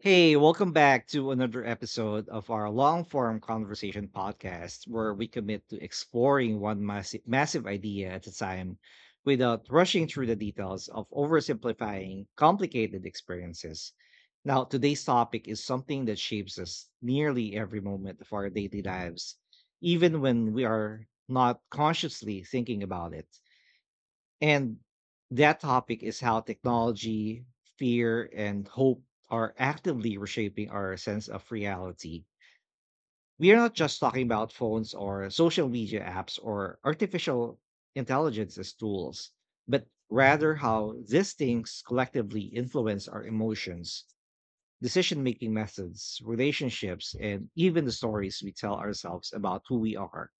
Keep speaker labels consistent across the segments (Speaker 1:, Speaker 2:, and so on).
Speaker 1: Hey, welcome back to another episode of our long form conversation podcast where we commit to exploring one massive, massive idea at a time without rushing through the details of oversimplifying complicated experiences. Now, today's topic is something that shapes us nearly every moment of our daily lives, even when we are not consciously thinking about it. And that topic is how technology, fear, and hope are actively reshaping our sense of reality. We are not just talking about phones or social media apps or artificial intelligence as tools, but rather how these things collectively influence our emotions, decision making methods, relationships, and even the stories we tell ourselves about who we are.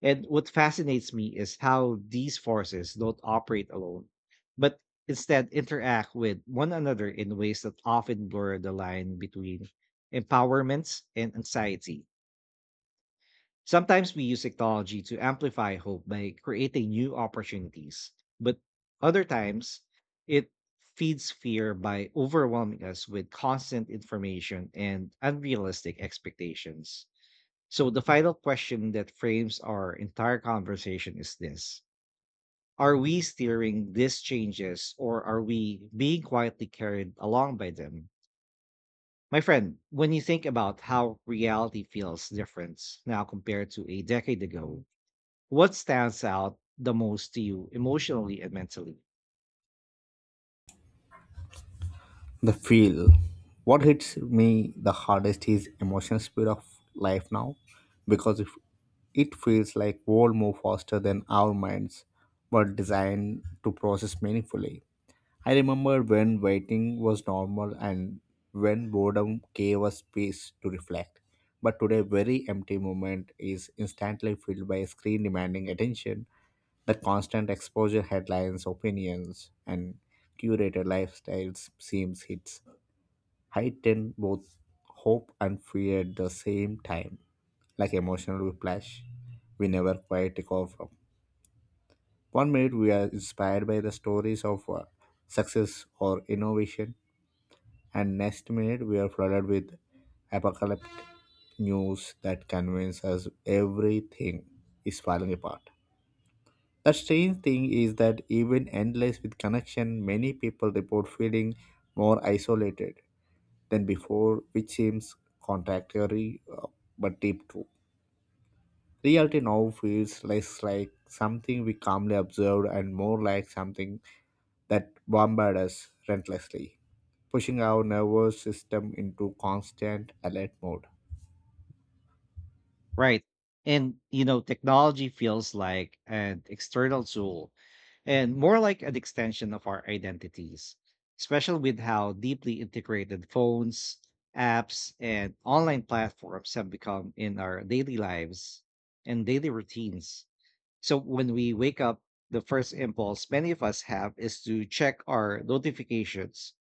Speaker 1: And what fascinates me is how these forces don't operate alone, but instead interact with one another in ways that often blur the line between empowerments and anxiety. Sometimes we use technology to amplify hope by creating new opportunities, but other times it feeds fear by overwhelming us with constant information and unrealistic expectations. So, the final question that frames our entire conversation is this: Are we steering these changes or are we being quietly carried along by them? My friend, when you think about how reality feels different now compared to a decade ago, what stands out the most to you emotionally and mentally?
Speaker 2: The feel. What hits me the hardest is emotional speed of life now, because if it feels like world move faster than our minds were designed to process meaningfully. I remember when waiting was normal and when boredom gave us space to reflect. But today, very empty moment is instantly filled by a screen demanding attention. The constant exposure, headlines, opinions, and curated lifestyles seems hits heightened both hope and fear at the same time, like emotional whiplash we never quite recover from. One minute we are inspired by the stories of success or innovation, and next minute we are flooded with apocalyptic news that convinces us everything is falling apart. The strange thing is that even endless with connection, many people report feeling more isolated than before, which seems contradictory but deep too. Reality now feels less like something we calmly observed and more like something that bombard us relentlessly, pushing our nervous system into constant alert mode.
Speaker 1: Right. And technology feels like an external tool and more like an extension of our identities, especially with how deeply integrated phones, apps, and online platforms have become in our daily lives and daily routines. So when we wake up, the first impulse many of us have is to check our notifications,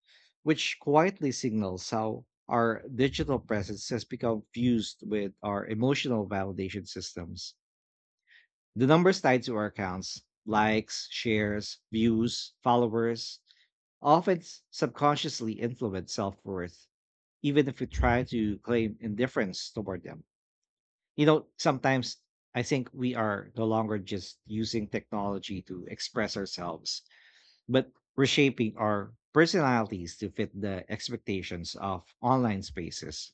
Speaker 1: which quietly signals how our digital presence has become fused with our emotional validation systems. The numbers tied to our accounts, likes, shares, views, followers, often subconsciously influence self worth, even if we try to claim indifference toward them. Sometimes I think we are no longer just using technology to express ourselves, but reshaping our personalities to fit the expectations of online spaces.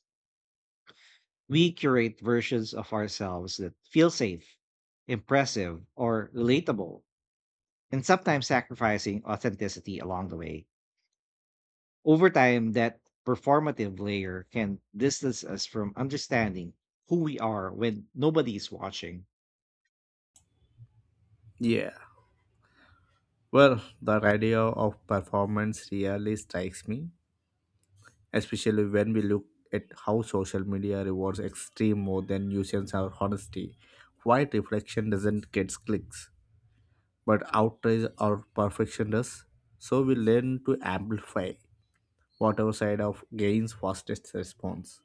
Speaker 1: We curate versions of ourselves that feel safe, impressive or relatable, and sometimes sacrificing authenticity along the way. Over time, that performative layer can distance us from understanding who we are when nobody is watching.
Speaker 2: Yeah. Well, the idea of performance really strikes me, especially when we look at how social media rewards extreme more than nuisance or honesty. Quiet reflection doesn't get clicks, but outrage or perfection does, so we learn to amplify whatever side of gains fastest response.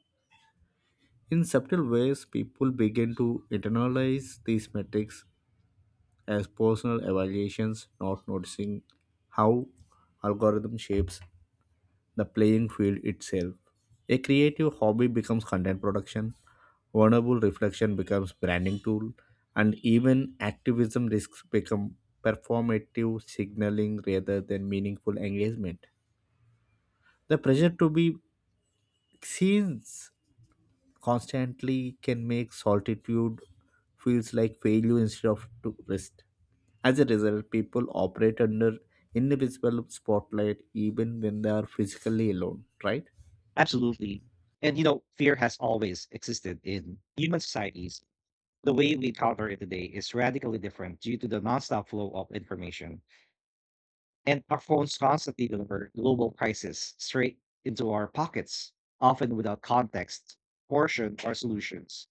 Speaker 2: In subtle ways, people begin to internalize these metrics as personal evaluations, not noticing how algorithm shapes the playing field itself. A creative hobby becomes content production, vulnerable reflection becomes branding tool, and even activism risks become performative signaling rather than meaningful engagement. The pressure to be seen constantly can make solitude feels like failure instead of to rest. As a result, people operate under invisible spotlight even when they are physically alone, right?
Speaker 1: Absolutely. And fear has always existed in human societies. The way we encounter it today is radically different due to the nonstop flow of information. And our phones constantly deliver global crises straight into our pockets, often without context, portion, or solutions.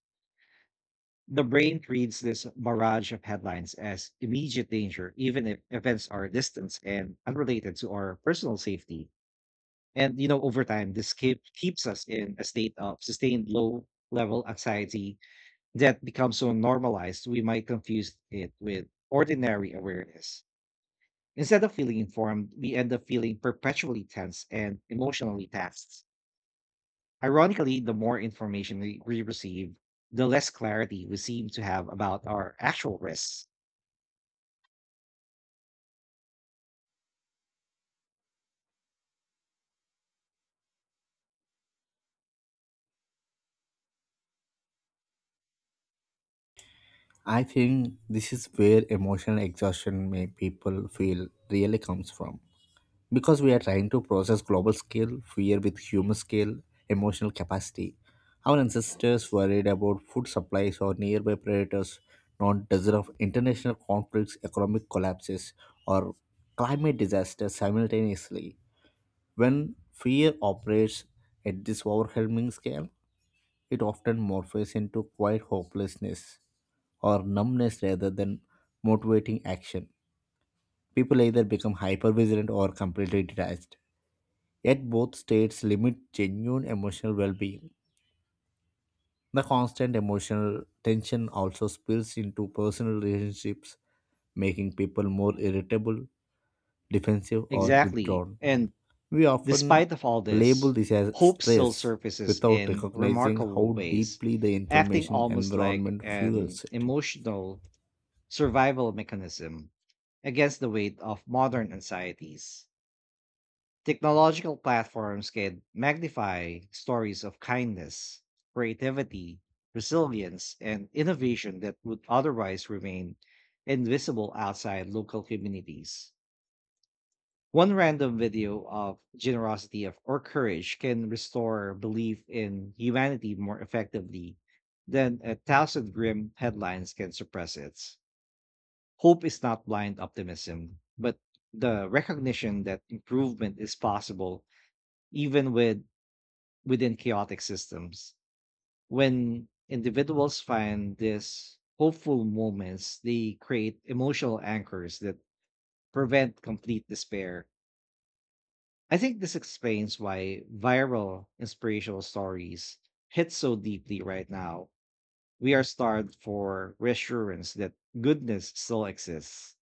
Speaker 1: The brain treats this barrage of headlines as immediate danger, even if events are distant and unrelated to our personal safety. And over time, this keeps us in a state of sustained low level anxiety that becomes so normalized we might confuse it with ordinary awareness. Instead of feeling informed, we end up feeling perpetually tense and emotionally taxed. Ironically, the more information we receive, the less clarity we seem to have about our actual risks.
Speaker 2: I think this is where emotional exhaustion may people feel really comes from. Because we are trying to process global scale, fear with human scale, emotional capacity. Our ancestors worried about food supplies or nearby predators, not dozen of international conflicts, economic collapses, or climate disasters simultaneously. When fear operates at this overwhelming scale, it often morphs into quiet hopelessness or numbness rather than motivating action. People either become hyper vigilant or completely detached. Yet both states limit genuine emotional well being. The constant emotional tension also spills into personal relationships, making people more irritable, defensive, or
Speaker 1: Exactly.
Speaker 2: withdrawn.
Speaker 1: And
Speaker 2: We often
Speaker 1: despite of all
Speaker 2: label
Speaker 1: this,
Speaker 2: this as
Speaker 1: hope still
Speaker 2: stress
Speaker 1: surfaces
Speaker 2: without
Speaker 1: in
Speaker 2: recognizing
Speaker 1: remarkable
Speaker 2: how
Speaker 1: ways,
Speaker 2: deeply the
Speaker 1: acting
Speaker 2: information
Speaker 1: almost like
Speaker 2: environment
Speaker 1: an
Speaker 2: fuels it.
Speaker 1: emotional survival mechanism against the weight of modern anxieties. Technological platforms can magnify stories of kindness, creativity, resilience, and innovation that would otherwise remain invisible outside local communities. One random video of generosity or courage can restore belief in humanity more effectively than a thousand grim headlines can suppress it. Hope is not blind optimism, but the recognition that improvement is possible even within chaotic systems. When individuals find these hopeful moments, they create emotional anchors that prevent complete despair. I think this explains why viral inspirational stories hit so deeply right now. We are starved for reassurance that goodness still exists.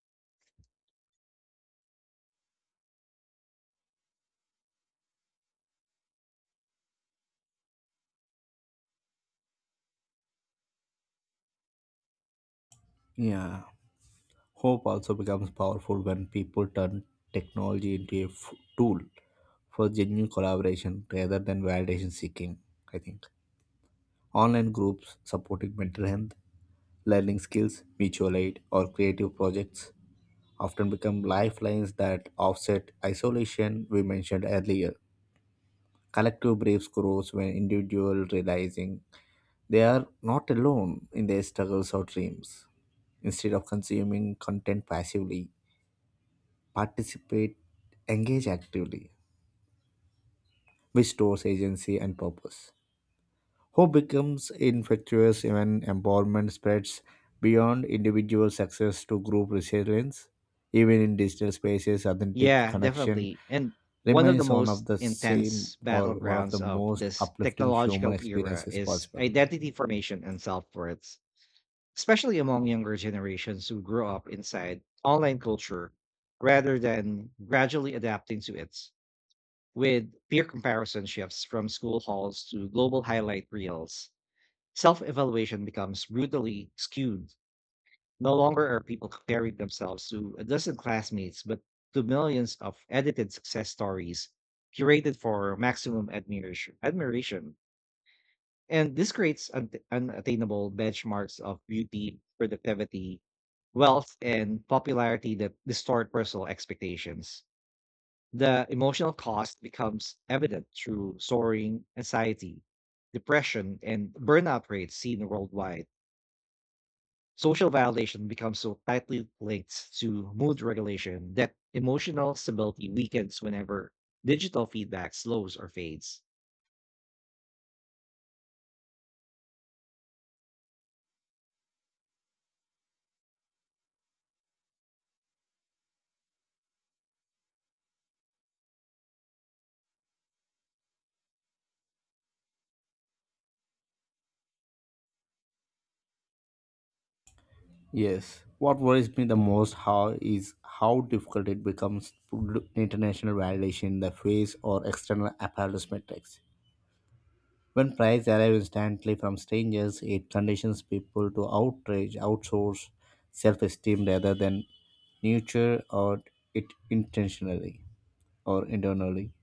Speaker 2: Yeah. Hope also becomes powerful when people turn technology into a tool for genuine collaboration rather than validation seeking, I think. Online groups supporting mental health, learning skills, mutual aid, or creative projects often become lifelines that offset isolation we mentioned earlier. Collective braves grows when individual realizing they are not alone in their struggles or dreams. Instead of consuming content passively, participate, engage actively, which stores agency and purpose. Hope becomes infectious when empowerment spreads beyond individual success to group resilience. Even in digital spaces, authentic
Speaker 1: Yeah,
Speaker 2: connection
Speaker 1: definitely. And one of the
Speaker 2: remains one of
Speaker 1: most
Speaker 2: the same
Speaker 1: intense
Speaker 2: or one of the
Speaker 1: battlegrounds of
Speaker 2: most
Speaker 1: this
Speaker 2: uplifting human
Speaker 1: technological era
Speaker 2: experiences
Speaker 1: is
Speaker 2: possible.
Speaker 1: identity formation and self worth, especially among younger generations who grew up inside online culture rather than gradually adapting to it. With peer comparison shifts from school halls to global highlight reels, self evaluation becomes brutally skewed. No longer are people comparing themselves to a dozen classmates, but to millions of edited success stories curated for maximum admiration. And this creates unattainable benchmarks of beauty, productivity, wealth, and popularity that distort personal expectations. The emotional cost becomes evident through soaring anxiety, depression, and burnout rates seen worldwide. Social validation becomes so tightly linked to mood regulation that emotional stability weakens whenever digital feedback slows or fades.
Speaker 2: Yes. What worries me the most how is how difficult it becomes to do international validation in the face or external apparatus metrics. When price arrive instantly from strangers, it conditions people to outrage, outsource self-esteem rather than nurture or it intentionally or internally.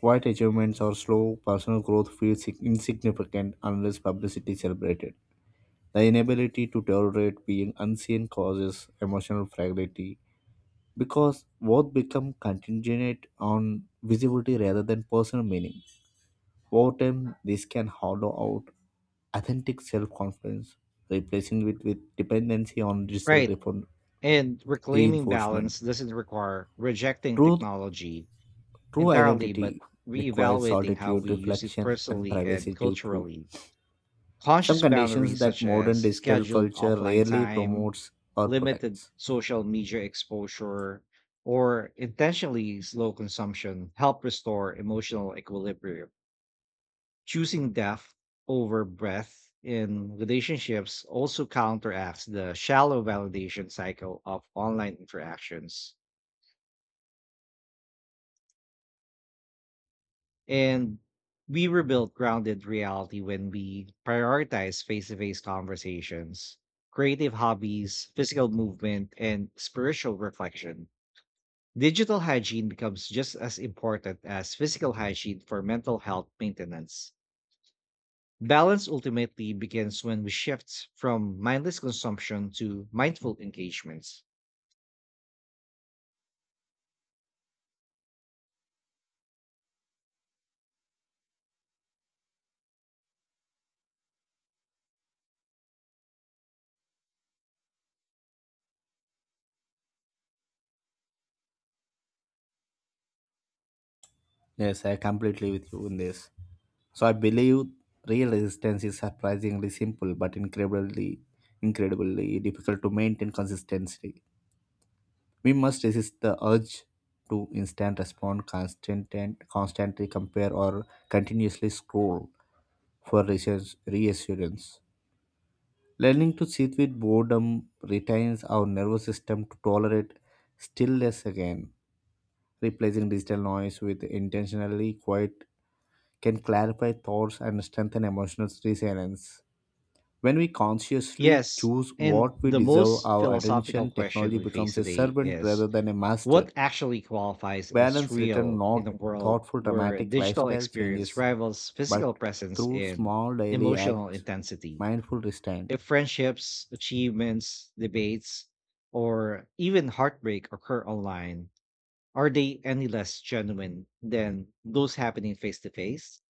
Speaker 2: Quiet achievements or slow personal growth feels insignificant unless publicity is celebrated. The inability to tolerate being unseen causes emotional fragility because worth become contingent on visibility rather than personal meaning. Over time, this can hollow out authentic self-confidence, replacing it with dependency on digital
Speaker 1: Right. And reclaiming
Speaker 2: reinforcement.
Speaker 1: balance doesn't require rejecting
Speaker 2: Truth,
Speaker 1: technology
Speaker 2: true
Speaker 1: entirely, but
Speaker 2: identity requires
Speaker 1: reevaluating how we
Speaker 2: solitude,
Speaker 1: use it
Speaker 2: reflection, and
Speaker 1: personally and
Speaker 2: privacy too.
Speaker 1: culturally. Conscious
Speaker 2: Some conditions
Speaker 1: boundaries
Speaker 2: that
Speaker 1: such as
Speaker 2: modern digital
Speaker 1: scheduled
Speaker 2: culture
Speaker 1: offline
Speaker 2: rarely
Speaker 1: time,
Speaker 2: promotes or
Speaker 1: limited
Speaker 2: protects.
Speaker 1: social media exposure, or intentionally slow consumption help restore emotional equilibrium. Choosing depth over breadth in relationships also counteracts the shallow validation cycle of online interactions. And we rebuild grounded reality when we prioritize face to face conversations, creative hobbies, physical movement, and spiritual reflection. Digital hygiene becomes just as important as physical hygiene for mental health maintenance. Balance ultimately begins when we shift from mindless consumption to mindful engagements.
Speaker 2: Yes, I completely with you in this. So I believe real resistance is surprisingly simple but incredibly difficult to maintain consistently. We must resist the urge to instant respond, constant and constantly compare or continuously scroll for reassurance. Learning to sit with boredom retains our nervous system to tolerate stillness again, replacing digital noise with intentionally quiet can clarify thoughts and strengthen emotional resilience. When we consciously
Speaker 1: Yes,
Speaker 2: choose
Speaker 1: and
Speaker 2: what we
Speaker 1: the
Speaker 2: deserve
Speaker 1: most
Speaker 2: our
Speaker 1: philosophical
Speaker 2: attention,
Speaker 1: question
Speaker 2: technology
Speaker 1: we face
Speaker 2: becomes a
Speaker 1: today
Speaker 2: servant
Speaker 1: is:
Speaker 2: rather than a master.
Speaker 1: What actually qualifies as
Speaker 2: Balance return
Speaker 1: real in
Speaker 2: not
Speaker 1: a world
Speaker 2: thoughtful
Speaker 1: where
Speaker 2: dramatic
Speaker 1: digital
Speaker 2: lifestyle
Speaker 1: experience
Speaker 2: changes,
Speaker 1: rivals physical
Speaker 2: but
Speaker 1: presence
Speaker 2: through
Speaker 1: in
Speaker 2: small daily
Speaker 1: emotional
Speaker 2: acts,
Speaker 1: intensity?
Speaker 2: mindful restraint.
Speaker 1: If friendships, achievements, debates, or even heartbreak occur online, are they any less genuine than those happening face to face?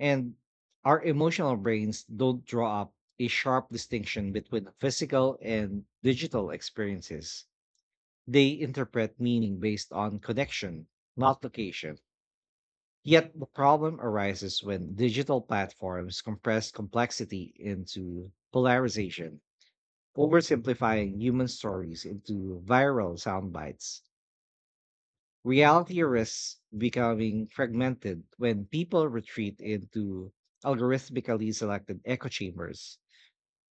Speaker 1: And our emotional brains don't draw up a sharp distinction between physical and digital experiences. They interpret meaning based on connection, not location. Yet the problem arises when digital platforms compress complexity into polarization, oversimplifying human stories into viral sound bites. Reality risks becoming fragmented when people retreat into algorithmically selected echo chambers.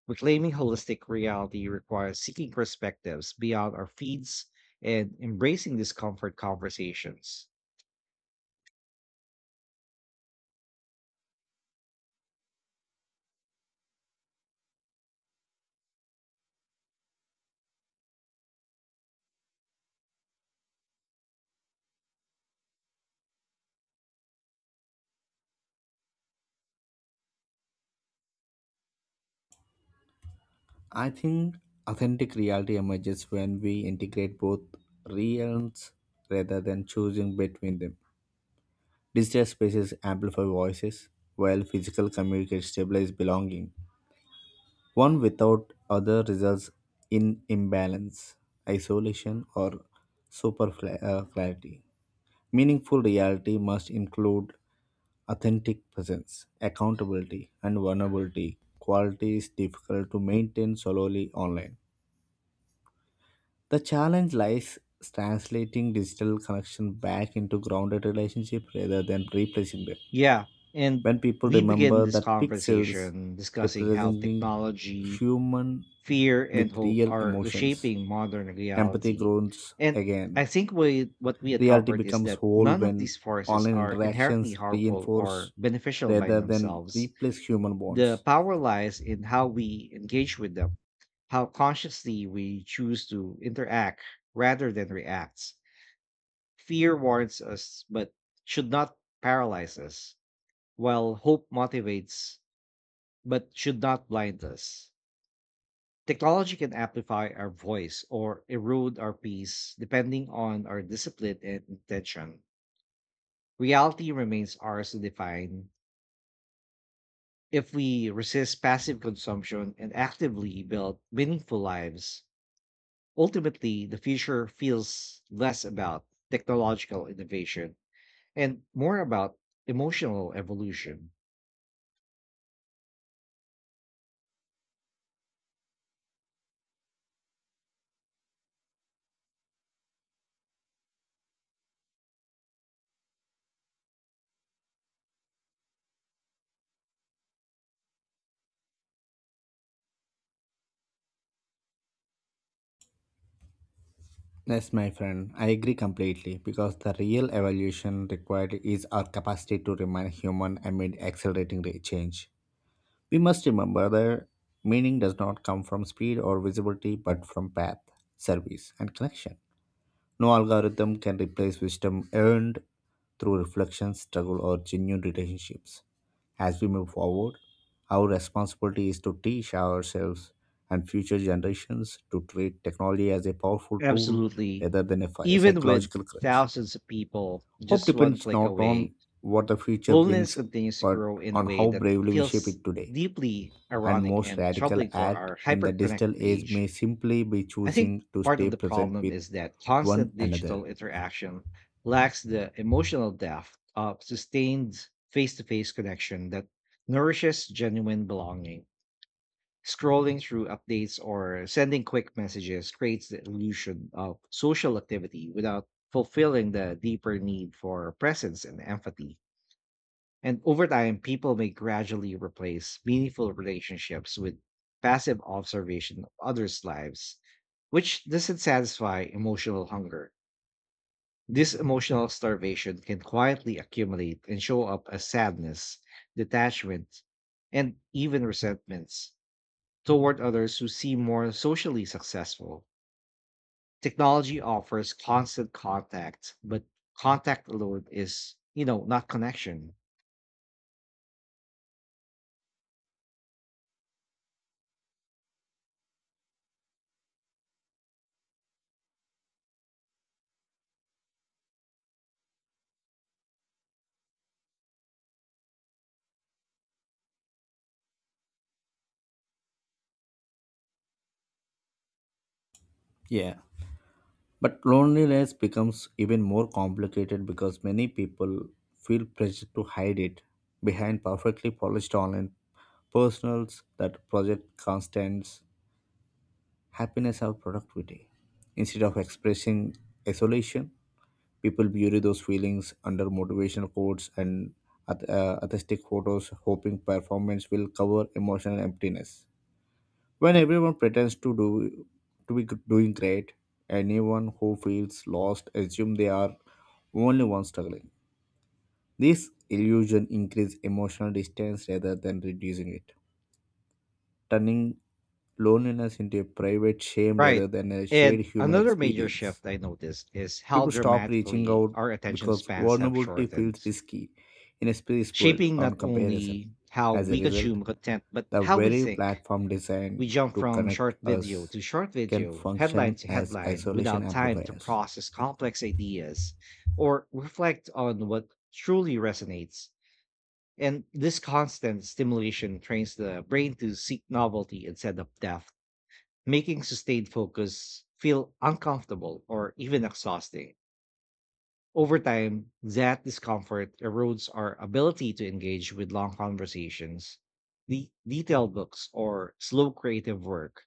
Speaker 1: Reclaiming holistic reality requires seeking perspectives beyond our feeds and embracing discomfort conversations.
Speaker 2: I think authentic reality emerges when we integrate both realms rather than choosing between them. Digital spaces amplify voices, while physical communicate stabilize belonging. One without other results in imbalance, isolation, or superfluity. Meaningful reality must include authentic presence, accountability, and vulnerability. Quality is difficult to maintain solely online. The challenge lies translating digital connection back into grounded relationship rather than replacing them.
Speaker 1: Yeah. And
Speaker 2: When people
Speaker 1: we begin
Speaker 2: remember
Speaker 1: this
Speaker 2: that pixels
Speaker 1: conversation discussing how
Speaker 2: representing
Speaker 1: technology,
Speaker 2: human
Speaker 1: fear, and
Speaker 2: with
Speaker 1: hope
Speaker 2: real
Speaker 1: are
Speaker 2: emotions,
Speaker 1: reshaping modern
Speaker 2: empathy
Speaker 1: reality.
Speaker 2: grows
Speaker 1: And
Speaker 2: again.
Speaker 1: I think what we had
Speaker 2: Reality
Speaker 1: covered is
Speaker 2: becomes
Speaker 1: that
Speaker 2: whole
Speaker 1: none of
Speaker 2: when
Speaker 1: these forces
Speaker 2: online
Speaker 1: are inherently
Speaker 2: interactions
Speaker 1: harmful or
Speaker 2: reinforce
Speaker 1: beneficial by
Speaker 2: rather than
Speaker 1: themselves.
Speaker 2: replace human
Speaker 1: The
Speaker 2: bonds.
Speaker 1: power lies in how we engage with them, how consciously we choose to interact rather than react. Fear warns us, but should not paralyze us, while hope motivates, but should not blind us. Technology can amplify our voice or erode our peace depending on our discipline and intention. Reality remains ours to define if we resist passive consumption and actively build meaningful lives. Ultimately, the future feels less about technological innovation and more about emotional evolution.
Speaker 2: Yes, my friend, I agree completely because the real evolution required is our capacity to remain human amid accelerating change. We must remember that meaning does not come from speed or visibility but from path, service, and connection. No algorithm can replace wisdom earned through reflection, struggle, or genuine relationships. As we move forward, our responsibility is to teach ourselves and future generations to treat technology as a powerful tool
Speaker 1: Absolutely.
Speaker 2: rather than a
Speaker 1: Even with
Speaker 2: psychological crutch.
Speaker 1: thousands of people
Speaker 2: Hope
Speaker 1: just one
Speaker 2: depends
Speaker 1: click
Speaker 2: not
Speaker 1: away,
Speaker 2: on what the future
Speaker 1: loneliness
Speaker 2: brings,
Speaker 1: continues to
Speaker 2: but
Speaker 1: grow in a
Speaker 2: on
Speaker 1: way
Speaker 2: how
Speaker 1: that
Speaker 2: bravely we shape
Speaker 1: feels
Speaker 2: it today.
Speaker 1: deeply
Speaker 2: And
Speaker 1: ironic
Speaker 2: most
Speaker 1: and
Speaker 2: radical
Speaker 1: troubling for
Speaker 2: act
Speaker 1: our
Speaker 2: in the
Speaker 1: hyperconnected
Speaker 2: digital age
Speaker 1: age.
Speaker 2: may simply be
Speaker 1: I think
Speaker 2: choosing to
Speaker 1: part
Speaker 2: stay
Speaker 1: of the
Speaker 2: present
Speaker 1: problem
Speaker 2: with
Speaker 1: is that
Speaker 2: one
Speaker 1: constant
Speaker 2: another.
Speaker 1: digital interaction lacks the emotional depth of sustained face to face connection that nourishes genuine belonging. Scrolling through updates or sending quick messages creates the illusion of social activity without fulfilling the deeper need for presence and empathy. And over time, people may gradually replace meaningful relationships with passive observation of others' lives, which doesn't satisfy emotional hunger. This emotional starvation can quietly accumulate and show up as sadness, detachment, and even resentments toward others who seem more socially successful. Technology offers constant contact, but contact alone is not connection.
Speaker 2: Yeah. But loneliness becomes even more complicated because many people feel pressure to hide it behind perfectly polished online personals that project constant happiness or productivity. Instead of expressing isolation, people bury those feelings under motivational quotes and atheistic photos, hoping performance will cover emotional emptiness. When everyone pretends to be doing great, anyone who feels lost assumes they are only one struggling. This illusion increases emotional distance rather than reducing it, turning loneliness into a private shame rather
Speaker 1: Right.
Speaker 2: than a shared
Speaker 1: And
Speaker 2: human
Speaker 1: another major
Speaker 2: experience.
Speaker 1: shift I noticed is how
Speaker 2: People stop reaching
Speaker 1: dramatically
Speaker 2: out
Speaker 1: our attention
Speaker 2: because
Speaker 1: spans have
Speaker 2: vulnerability
Speaker 1: shortened,
Speaker 2: feels risky in a space built
Speaker 1: shaping
Speaker 2: on
Speaker 1: not
Speaker 2: comparison.
Speaker 1: only how
Speaker 2: As a
Speaker 1: we
Speaker 2: result,
Speaker 1: consume content, but
Speaker 2: the
Speaker 1: how we
Speaker 2: very
Speaker 1: think.
Speaker 2: platform
Speaker 1: We
Speaker 2: designed
Speaker 1: jump
Speaker 2: to
Speaker 1: from
Speaker 2: connect
Speaker 1: short video
Speaker 2: us
Speaker 1: to short
Speaker 2: can
Speaker 1: video, headline
Speaker 2: function
Speaker 1: to
Speaker 2: as
Speaker 1: headline,
Speaker 2: isolation
Speaker 1: without time to
Speaker 2: amplifiers.
Speaker 1: process complex ideas or reflect on what truly resonates. And this constant stimulation trains the brain to seek novelty instead of depth, making sustained focus feel uncomfortable or even exhausting. Over time, that discomfort erodes our ability to engage with long conversations, the detailed books, or slow creative work.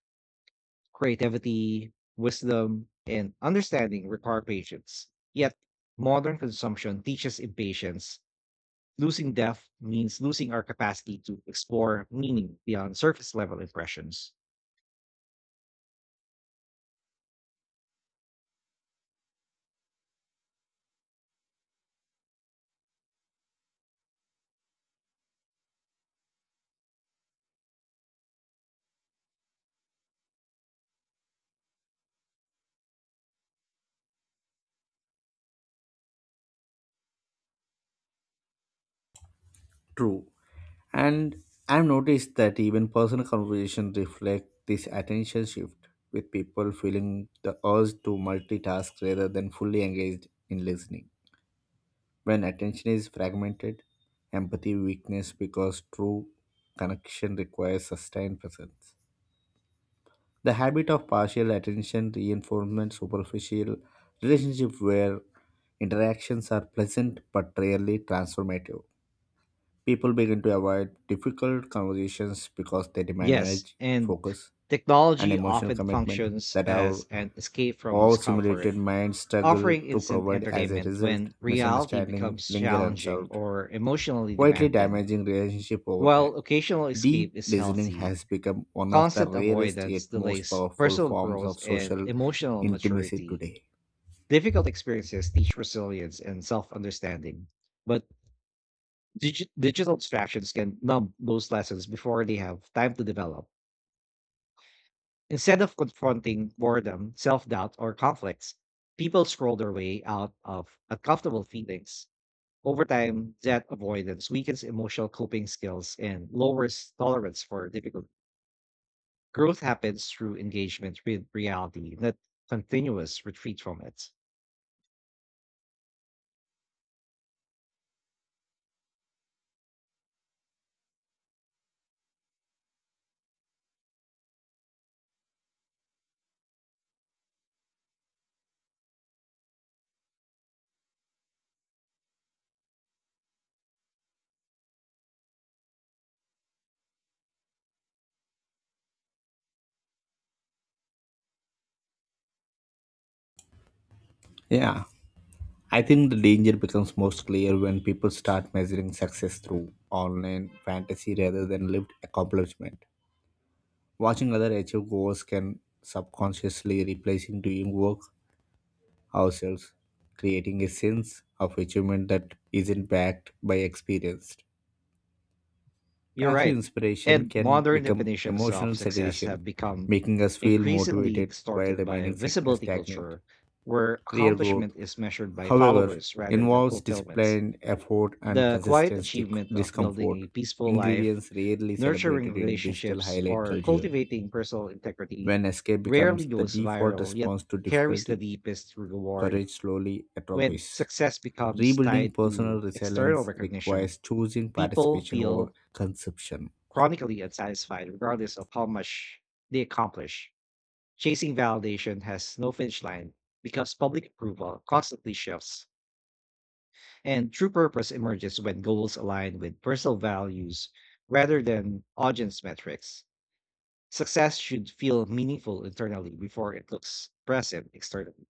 Speaker 1: Creativity, wisdom, and understanding require patience. Yet, modern consumption teaches impatience. Losing depth means losing our capacity to explore meaning beyond surface level impressions.
Speaker 2: True. And I've noticed that even personal conversations reflect this attention shift, with people feeling the urge to multitask rather than fully engaged in listening. When attention is fragmented, empathy weakness because true connection requires sustained presence. The habit of partial attention reinforcement superficial relationship where interactions are pleasant but rarely transformative. People begin to avoid difficult conversations because they demand
Speaker 1: Yes,
Speaker 2: energy,
Speaker 1: and
Speaker 2: focus, and
Speaker 1: technology
Speaker 2: emotional
Speaker 1: often
Speaker 2: commitment
Speaker 1: functions
Speaker 2: that
Speaker 1: as
Speaker 2: our
Speaker 1: an escape from
Speaker 2: all
Speaker 1: discomfort,
Speaker 2: simulated minds struggle
Speaker 1: offering
Speaker 2: to
Speaker 1: instant
Speaker 2: provide as a
Speaker 1: entertainment
Speaker 2: result
Speaker 1: when reality
Speaker 2: misunderstanding
Speaker 1: becomes
Speaker 2: linger
Speaker 1: challenging
Speaker 2: unsolved
Speaker 1: or emotionally
Speaker 2: quietly
Speaker 1: demanding.
Speaker 2: damaging relationship over
Speaker 1: While
Speaker 2: time.
Speaker 1: occasional
Speaker 2: Deep
Speaker 1: escape is
Speaker 2: listening
Speaker 1: healthy,
Speaker 2: has become one of the
Speaker 1: constant
Speaker 2: rarest yet
Speaker 1: avoidance
Speaker 2: most
Speaker 1: delays
Speaker 2: powerful
Speaker 1: personal
Speaker 2: forms
Speaker 1: growth
Speaker 2: of
Speaker 1: and
Speaker 2: social
Speaker 1: emotional
Speaker 2: intimacy
Speaker 1: maturity.
Speaker 2: today.
Speaker 1: Difficult experiences teach resilience and self understanding, but digital distractions can numb those lessons before they have time to develop. Instead of confronting boredom, self doubt, or conflicts, people scroll their way out of uncomfortable feelings. Over time, that avoidance weakens emotional coping skills and lowers tolerance for difficulty. Growth happens through engagement with reality, not continuous retreat from it.
Speaker 2: Yeah. I think the danger becomes most clear when people start measuring success through online fantasy rather than lived accomplishment. Watching other achieve goals can subconsciously replacing doing work ourselves, creating a sense of achievement that isn't backed by experience.
Speaker 1: You're
Speaker 2: Passive
Speaker 1: right.
Speaker 2: inspiration
Speaker 1: And
Speaker 2: can
Speaker 1: modern
Speaker 2: become
Speaker 1: definitions of
Speaker 2: emotional
Speaker 1: success
Speaker 2: sedation,
Speaker 1: have become
Speaker 2: making us feel
Speaker 1: increasingly
Speaker 2: motivated while
Speaker 1: distorted by
Speaker 2: remaining
Speaker 1: visibility
Speaker 2: stagnant.
Speaker 1: culture, where
Speaker 2: Real
Speaker 1: accomplishment
Speaker 2: growth,
Speaker 1: is measured by
Speaker 2: however,
Speaker 1: followers rather than
Speaker 2: involves
Speaker 1: fulfillment.
Speaker 2: discipline, effort, and
Speaker 1: The quiet
Speaker 2: consistent
Speaker 1: achievement of building
Speaker 2: discomfort,
Speaker 1: a peaceful life,
Speaker 2: ingredients rarely
Speaker 1: nurturing
Speaker 2: celebrated in digital
Speaker 1: relationships,
Speaker 2: highlight
Speaker 1: or
Speaker 2: culture.
Speaker 1: cultivating personal integrity
Speaker 2: When escape
Speaker 1: rarely
Speaker 2: becomes the
Speaker 1: goes
Speaker 2: default
Speaker 1: viral, yet
Speaker 2: response to
Speaker 1: carries the
Speaker 2: difficulty,
Speaker 1: deepest reward.
Speaker 2: courage slowly
Speaker 1: When
Speaker 2: atrophies.
Speaker 1: success becomes tied
Speaker 2: Rebuilding personal
Speaker 1: to external
Speaker 2: resilience
Speaker 1: recognition,
Speaker 2: requires choosing
Speaker 1: people
Speaker 2: participation over
Speaker 1: feel
Speaker 2: consumption.
Speaker 1: chronically unsatisfied regardless of how much they accomplish. Chasing validation has no finish line because public approval constantly shifts. And true purpose emerges when goals align with personal values rather than audience metrics. Success should feel meaningful internally before it looks impressive externally.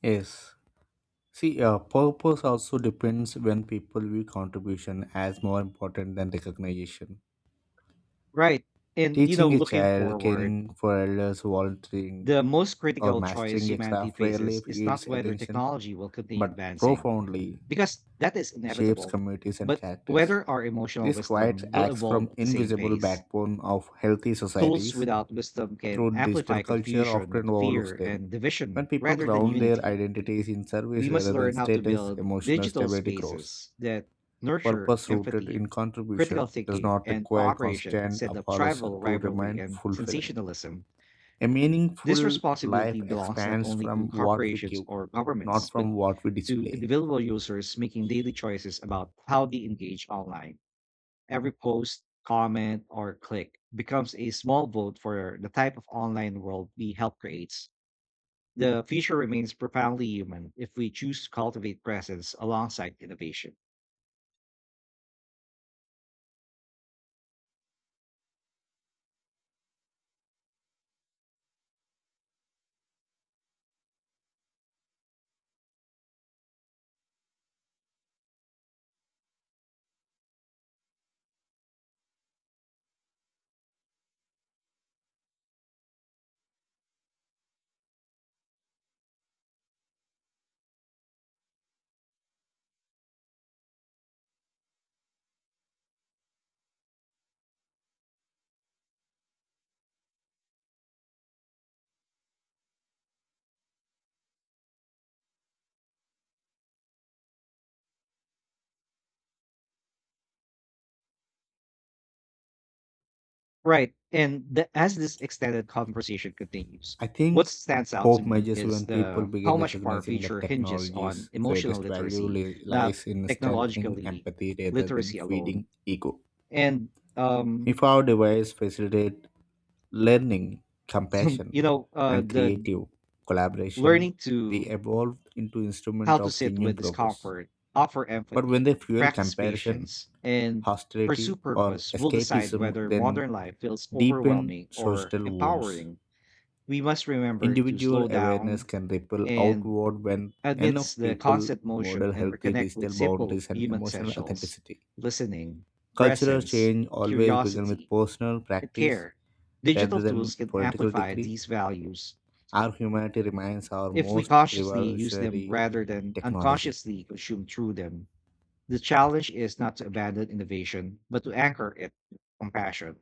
Speaker 2: Yes. See, purpose also depends when people view contribution as more important than recognition.
Speaker 1: Right. And
Speaker 2: Teaching a
Speaker 1: looking
Speaker 2: child,
Speaker 1: forward,
Speaker 2: caring for elders, volunteering,
Speaker 1: the most
Speaker 2: or
Speaker 1: critical choice
Speaker 2: mastering a
Speaker 1: humanity
Speaker 2: craft
Speaker 1: faces
Speaker 2: rarely
Speaker 1: is not
Speaker 2: yields
Speaker 1: whether
Speaker 2: attention
Speaker 1: technology will continue
Speaker 2: but
Speaker 1: advancing,
Speaker 2: profoundly
Speaker 1: because that is
Speaker 2: shapes
Speaker 1: inevitable,
Speaker 2: communities and
Speaker 1: but
Speaker 2: characters.
Speaker 1: whether our emotional
Speaker 2: This quiet
Speaker 1: wisdom will
Speaker 2: acts
Speaker 1: evolve
Speaker 2: from
Speaker 1: at the same
Speaker 2: invisible
Speaker 1: pace.
Speaker 2: backbone of healthy
Speaker 1: Tools
Speaker 2: societies
Speaker 1: without wisdom can
Speaker 2: through digital
Speaker 1: amplify
Speaker 2: culture
Speaker 1: confusion,
Speaker 2: often overlooks
Speaker 1: fear,
Speaker 2: them.
Speaker 1: and
Speaker 2: When
Speaker 1: division
Speaker 2: people
Speaker 1: rather than
Speaker 2: ground their
Speaker 1: unity.
Speaker 2: identities in service
Speaker 1: We must
Speaker 2: rather than
Speaker 1: learn how to
Speaker 2: status,
Speaker 1: build
Speaker 2: emotional
Speaker 1: digital
Speaker 2: stability grows.
Speaker 1: spaces that nurture
Speaker 2: Purpose rooted
Speaker 1: empathy,
Speaker 2: in
Speaker 1: critical
Speaker 2: contribution does
Speaker 1: thinking,
Speaker 2: not
Speaker 1: and
Speaker 2: require
Speaker 1: cooperation
Speaker 2: constant
Speaker 1: instead of
Speaker 2: applause
Speaker 1: tribal
Speaker 2: to
Speaker 1: rivalry
Speaker 2: remain
Speaker 1: and
Speaker 2: fulfilling.
Speaker 1: sensationalism.
Speaker 2: A
Speaker 1: This
Speaker 2: meaningful
Speaker 1: responsibility
Speaker 2: life
Speaker 1: belongs not
Speaker 2: expands
Speaker 1: only to
Speaker 2: from what we
Speaker 1: corporations
Speaker 2: give,
Speaker 1: or
Speaker 2: not
Speaker 1: governments, but
Speaker 2: from what we
Speaker 1: to
Speaker 2: display.
Speaker 1: individual users making daily choices about how they engage online. Every post, comment, or click becomes a small vote for the type of online world we help create. The future remains profoundly human if we choose to cultivate presence alongside innovation. Right. And as this extended conversation continues,
Speaker 2: I
Speaker 1: what
Speaker 2: think
Speaker 1: stands out to
Speaker 2: hope
Speaker 1: me
Speaker 2: measures
Speaker 1: is
Speaker 2: when people
Speaker 1: the how
Speaker 2: begin
Speaker 1: much of our
Speaker 2: recognizing that
Speaker 1: future hinges on
Speaker 2: technology's
Speaker 1: emotional
Speaker 2: greatest value
Speaker 1: literacy, not
Speaker 2: lies in strengthening
Speaker 1: technologically
Speaker 2: empathy rather than
Speaker 1: literacy alone.
Speaker 2: feeding ego.
Speaker 1: And um,
Speaker 2: If our device facilitate learning, compassion, and
Speaker 1: the
Speaker 2: creative
Speaker 1: learning
Speaker 2: collaboration, they
Speaker 1: to
Speaker 2: evolve into
Speaker 1: how
Speaker 2: instrument
Speaker 1: to
Speaker 2: of
Speaker 1: sit
Speaker 2: genuine
Speaker 1: with
Speaker 2: progress.
Speaker 1: discomfort, offer
Speaker 2: But when
Speaker 1: empathy,
Speaker 2: they fuel
Speaker 1: practice
Speaker 2: comparison,
Speaker 1: patience, and pursue
Speaker 2: hostility, or
Speaker 1: purpose will decide
Speaker 2: escapism,
Speaker 1: whether
Speaker 2: then
Speaker 1: modern life feels
Speaker 2: deepen
Speaker 1: overwhelming or
Speaker 2: social wounds.
Speaker 1: empowering. We must remember to
Speaker 2: Individual
Speaker 1: slow
Speaker 2: awareness
Speaker 1: down
Speaker 2: can ripple
Speaker 1: and
Speaker 2: outward when
Speaker 1: amidst
Speaker 2: enough
Speaker 1: the
Speaker 2: people
Speaker 1: constant motion
Speaker 2: model
Speaker 1: and
Speaker 2: healthy
Speaker 1: reconnect with
Speaker 2: digital
Speaker 1: simple
Speaker 2: boundaries and
Speaker 1: human
Speaker 2: emotional
Speaker 1: essentials:
Speaker 2: authenticity.
Speaker 1: listening,
Speaker 2: Cultural
Speaker 1: presence,
Speaker 2: change always begins with
Speaker 1: curiosity,
Speaker 2: personal
Speaker 1: and
Speaker 2: practice
Speaker 1: care. Digital
Speaker 2: rather
Speaker 1: tools
Speaker 2: than
Speaker 1: can
Speaker 2: political
Speaker 1: amplify
Speaker 2: degree.
Speaker 1: these values
Speaker 2: Our humanity remains our
Speaker 1: if we
Speaker 2: most
Speaker 1: consciously use them
Speaker 2: revolutionary
Speaker 1: rather than
Speaker 2: technology.
Speaker 1: unconsciously consume through them. The challenge is not to abandon innovation, but to anchor it with compassion.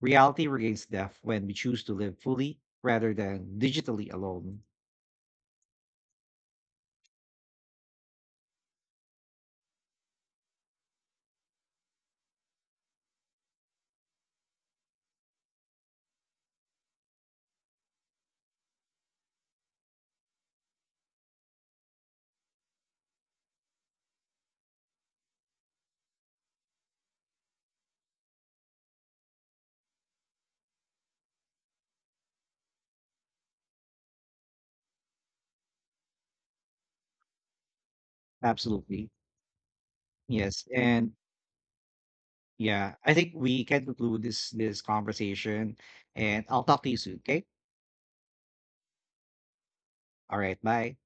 Speaker 1: Reality regains depth when we choose to live fully rather than digitally alone. Absolutely. Yes. And yeah, I think we can conclude this conversation and I'll talk to you soon. Okay. All right. Bye.